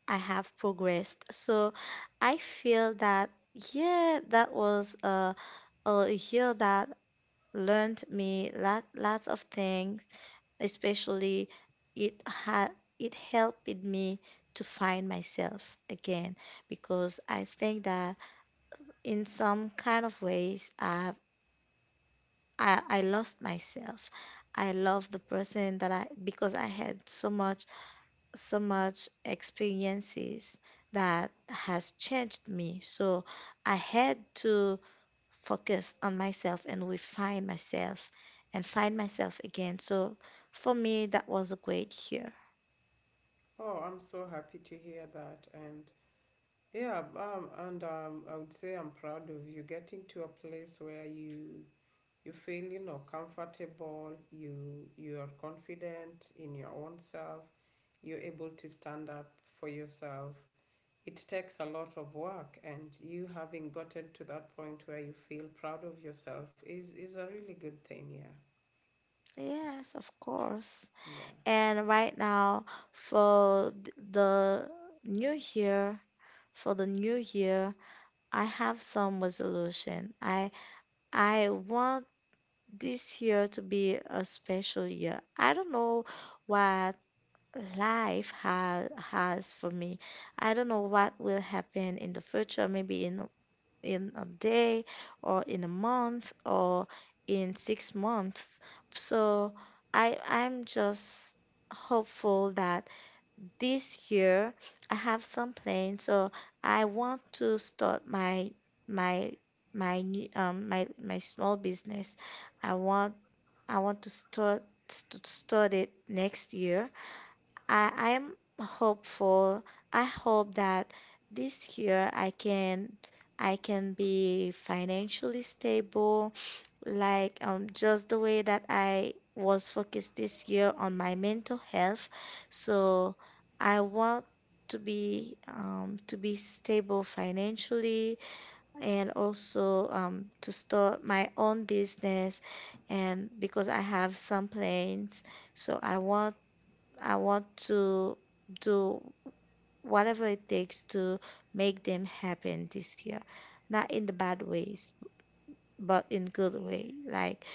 Speaker 1: I have progressed. So I feel that yeah, that was a a year that learned me lot, lots of things, especially it ha- it helped me to find myself again, because I think that in some kind of ways, uh, I I lost myself. I love the person that I, because I had so much, so much experiences that has changed me. So I had to focus on myself and refine myself and find myself again. So for me, that was a great year.
Speaker 3: Oh, I'm so happy to hear that. And yeah, um, and um, I would say I'm proud of you getting to a place where you you feel, you know comfortable, you you are confident in your own self, you're able to stand up for yourself. It takes a lot of work, and you having gotten to that point where you feel proud of yourself is is a really good thing, yeah.
Speaker 1: Yes, of course.
Speaker 3: Yeah.
Speaker 1: And right now, for th- the new year, for the new year, I have some resolution. I I want this year to be a special year. I don't know what life ha has for me. I don't know what will happen in the future, maybe in in a day or in a month or in six months. So I I'm just hopeful that this year I have some plan. So I want to start my my my new- um my my small business. I want I want to start to start it next year. I, I'm hopeful. I hope that this year I can I can be financially stable, like um just the way that I was focused this year on my mental health. So I want to be um to be stable financially, and also um to start my own business, and because I have some plans, so I want I want to do whatever it takes to make them happen this year. Not in the bad ways, but in good way. Like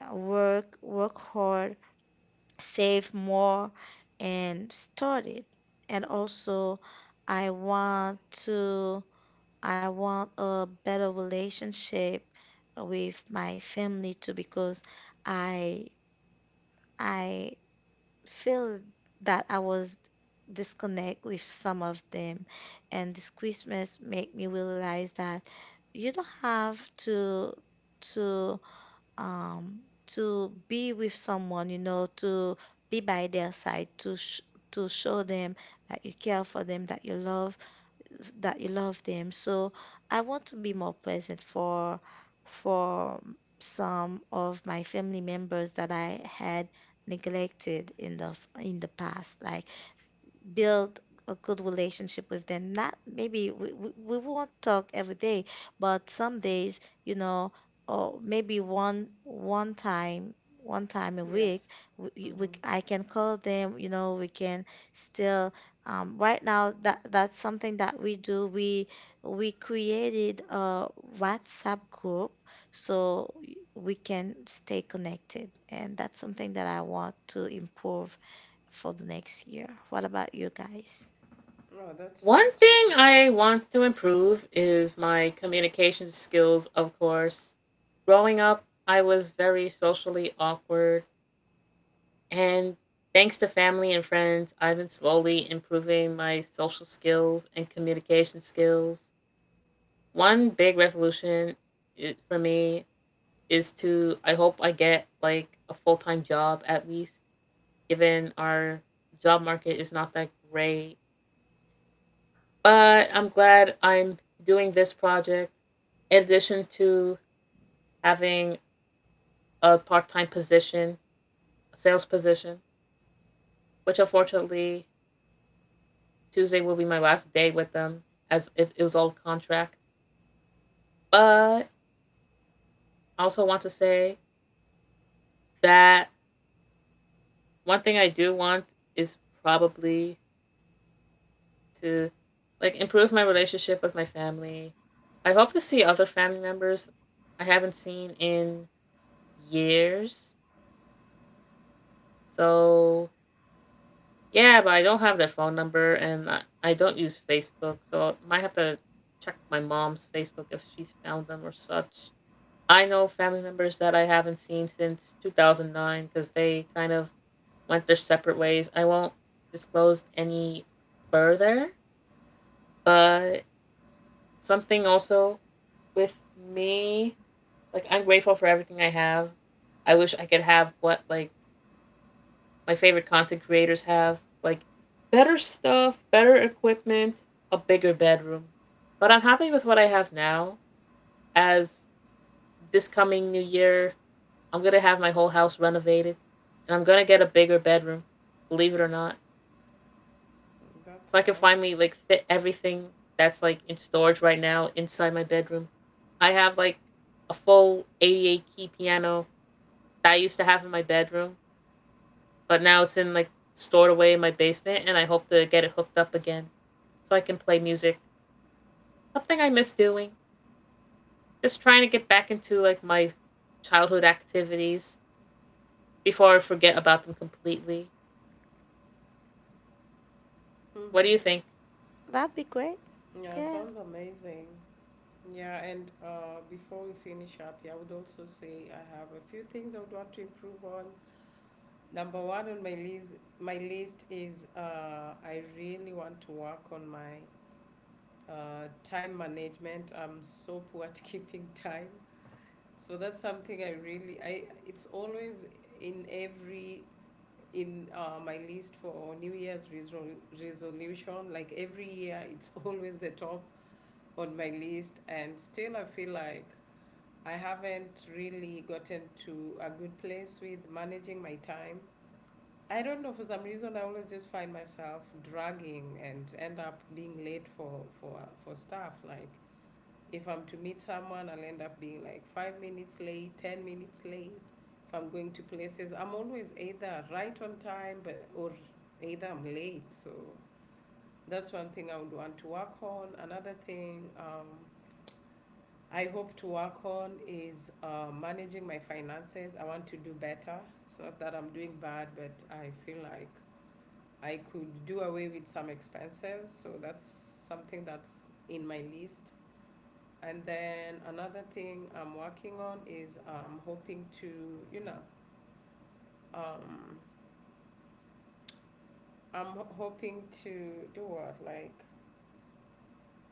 Speaker 1: uh, work, work hard, save more, and start it. And also, I want to, I want a better relationship with my family too, because I I feel that I was disconnect with some of them. And this Christmas make me realize that you don't have to to um to be with someone, you know, to be by their side, to sh- to show them that you care for them, that you love that you love them. So I want to be more present for for some of my family members that I had neglected in the in the past. Like build a good relationship with them. Not maybe we, we, we won't talk every day, but some days, you know, or maybe one one time one time a week.
Speaker 3: Yes.
Speaker 1: We, we
Speaker 3: Mm-hmm.
Speaker 1: I can call them, you know, we can still um, right now that that's something that we do. We we created a WhatsApp group so we can stay connected, and that's something that I want to improve for the next year. What about you guys?
Speaker 3: Oh, that's
Speaker 2: One
Speaker 3: that's
Speaker 2: thing
Speaker 3: really.
Speaker 2: I want to improve is my communication skills, of course. Growing up, I was very socially awkward. And thanks to family and friends, I've been slowly improving my social skills and communication skills. One big resolution i- for me is to, I hope I get like a full time job at least, given our job market is not that great. But I'm glad I'm doing this project in addition to having a part time position, a sales position, which unfortunately Tuesday will be my last day with them as it, it was all contract. But I also want to say that one thing I do want is probably to like improve my relationship with my family. I hope to see other family members I haven't seen in years. So yeah, but I don't have their phone number, and I, I don't use Facebook, so I might have to check my mom's Facebook if she's found them or such. I know family members that I haven't seen since two thousand nine because they kind of went their separate ways. I won't disclose any further, but something also with me, like I'm grateful for everything I have. I wish I could have what like my favorite content creators have, like better stuff, better equipment, a bigger bedroom. But I'm happy with what I have now. As this coming new year, I'm gonna have my whole house renovated, and I'm gonna get a bigger bedroom. Believe it or not,
Speaker 3: That's
Speaker 2: so I can
Speaker 3: nice.
Speaker 2: finally like fit everything that's like in storage right now inside my bedroom. I have like a full eighty-eight key piano that I used to have in my bedroom, but now it's in like stored away in my basement, and I hope to get it hooked up again so I can play music. Something I miss doing. Just trying to get back into like my childhood activities before I forget about them completely. What do you
Speaker 3: Mm-hmm.
Speaker 2: think?
Speaker 1: That'd be great.
Speaker 3: Yeah,
Speaker 1: Yeah.
Speaker 3: sounds amazing. Yeah, and uh, before we finish up, yeah, I would also say I have a few things I would want to improve on. Number one on my list, my list is uh, I really want to work on my uh, time management. I'm so poor at keeping time, so that's something I really I. It's always in every, in uh, my list for New Year's resol- resolution. Like every year, it's always the top on my list, and still I feel like I haven't really gotten to a good place with managing my time. I don't know, for some reason, I always just find myself dragging and end up being late for, for, for stuff. Like, if I'm to meet someone, I'll end up being like five minutes late, ten minutes late. If I'm going to places, I'm always either right on time but, or either I'm late. So, that's one thing I would want to work on. Another thing, um, I hope to work on is uh, managing my finances. I want to do better. It's not that I'm doing bad, but I feel like I could do away with some expenses. So that's something that's in my list. And then another thing I'm working on is I'm hoping to, you know, um, I'm hoping to do what? Like,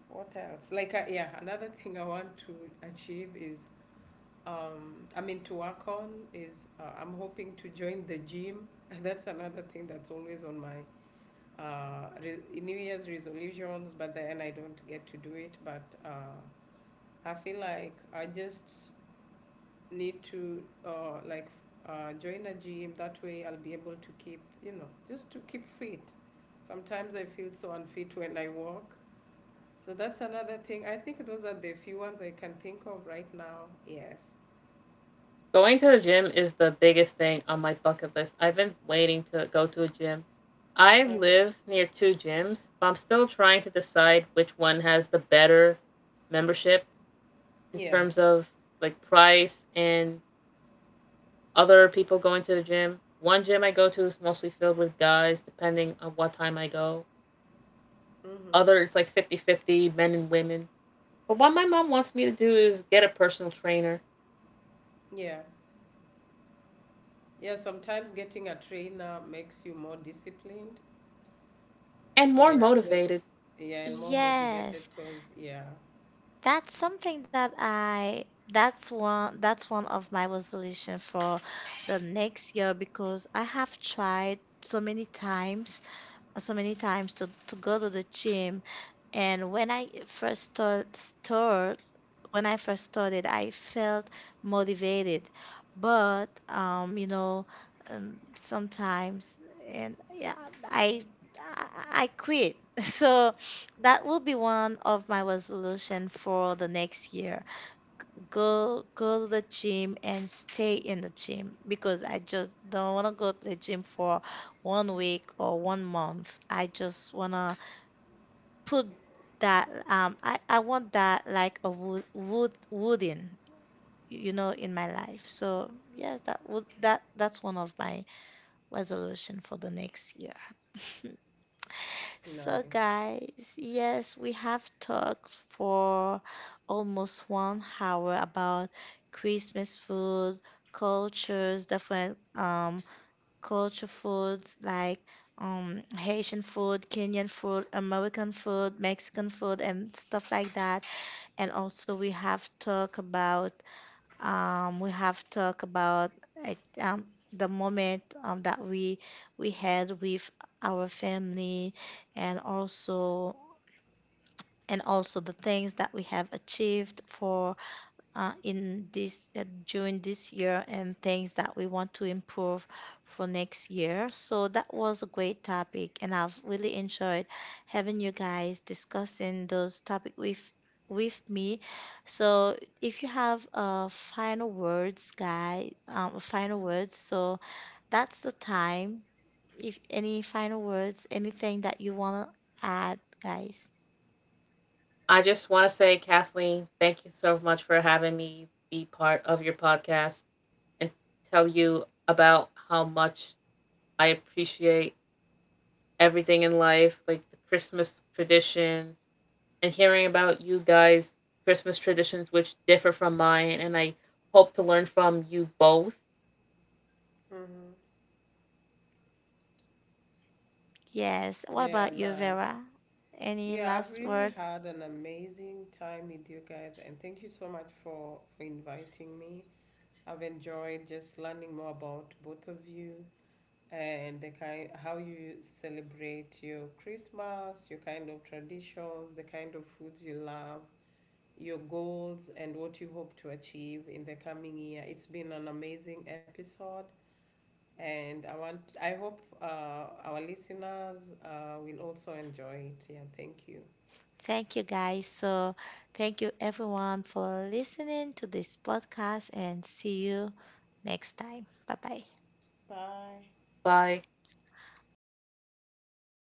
Speaker 3: what else? Like, uh, yeah, another thing I want to achieve is um, I mean, to work on is uh, I'm hoping to join the gym. That's another thing that's always on my uh, re- New Year's resolutions, but then I don't get to do it. But uh, I feel like I just need to uh, like uh, join a gym. That way, I'll be able to keep, you know, just to keep fit. Sometimes I feel so unfit when I walk. So that's another thing. I think those are the few ones I can think of right now. Yes.
Speaker 2: Going to the gym is the biggest thing on my bucket list. I've been waiting to go to a gym. I
Speaker 3: Uh,
Speaker 2: live near two gyms, but I'm still trying to decide which one has the better membership in
Speaker 3: yeah.
Speaker 2: terms of like price and other people going to the gym. One gym I go to is mostly filled with guys, depending on what time I go.
Speaker 3: Mm-hmm.
Speaker 2: Other, it's like fifty-fifty men and women. But what my mom wants me to do is get a personal trainer
Speaker 3: Yeah. Yeah, sometimes getting a trainer makes you more disciplined.
Speaker 2: and more
Speaker 3: Yeah, cause
Speaker 2: motivated.
Speaker 3: yeah, and more motivated
Speaker 1: Yes,
Speaker 3: cause yeah.
Speaker 1: that's something that I that's one that's one of my resolution for the next year, because I have tried so many times so many times to, to go to the gym. And when I first start, when I first started, I felt motivated, but um, you know, um, sometimes and yeah, I I I quit. So that will be one of my resolution for the next year. Go go to the gym and stay in the gym, because I just don't want to go to the gym for one week or one month. I just want to put that um I, I want that, like a wood wood wooden, you know, in my life. So yes, that would that that's one of my resolution for the next year. So
Speaker 3: Nice.
Speaker 1: guys, yes, we have talked for almost one hour about Christmas food, cultures, different um culture foods like, um Haitian food, Kenyan food, American food, Mexican food and stuff like that. And also we have talked about um, we have talked about, like, um, the moment um, that we we had with our family. And also and also the things that we have achieved for uh, in this uh, during this year, and things that we want to improve for next year. So that was a great topic, and I've really enjoyed having you guys discussing those topic with with me. So if you have uh, final words, guy, um, final words. So that's the time. If any final words, anything that you wanna add, guys.
Speaker 2: I just want to say, Kathleen, thank you so much for having me be part of your podcast and tell you about how much I appreciate everything in life, like the Christmas traditions, and hearing about you guys' Christmas traditions, which differ from mine. And I hope to learn from you both
Speaker 3: Mm-hmm.
Speaker 1: Yes. What
Speaker 3: Yeah,
Speaker 1: about you,
Speaker 3: nice.
Speaker 1: Vera? Any
Speaker 3: Yeah, I've
Speaker 1: last
Speaker 3: really
Speaker 1: word?
Speaker 3: had an amazing time with you guys, and thank you so much for for inviting me. I've enjoyed just learning more about both of you and the kind how you celebrate your Christmas, your kind of traditions, the kind of foods you love, your goals and what you hope to achieve in the coming year. It's been an amazing episode, and I want I hope uh, our listeners uh, will also enjoy it. Yeah, thank you.
Speaker 1: Thank you, guys. So, thank you, everyone, for listening to this podcast, and see you next time. Bye bye.
Speaker 3: Bye.
Speaker 2: by
Speaker 1: All right.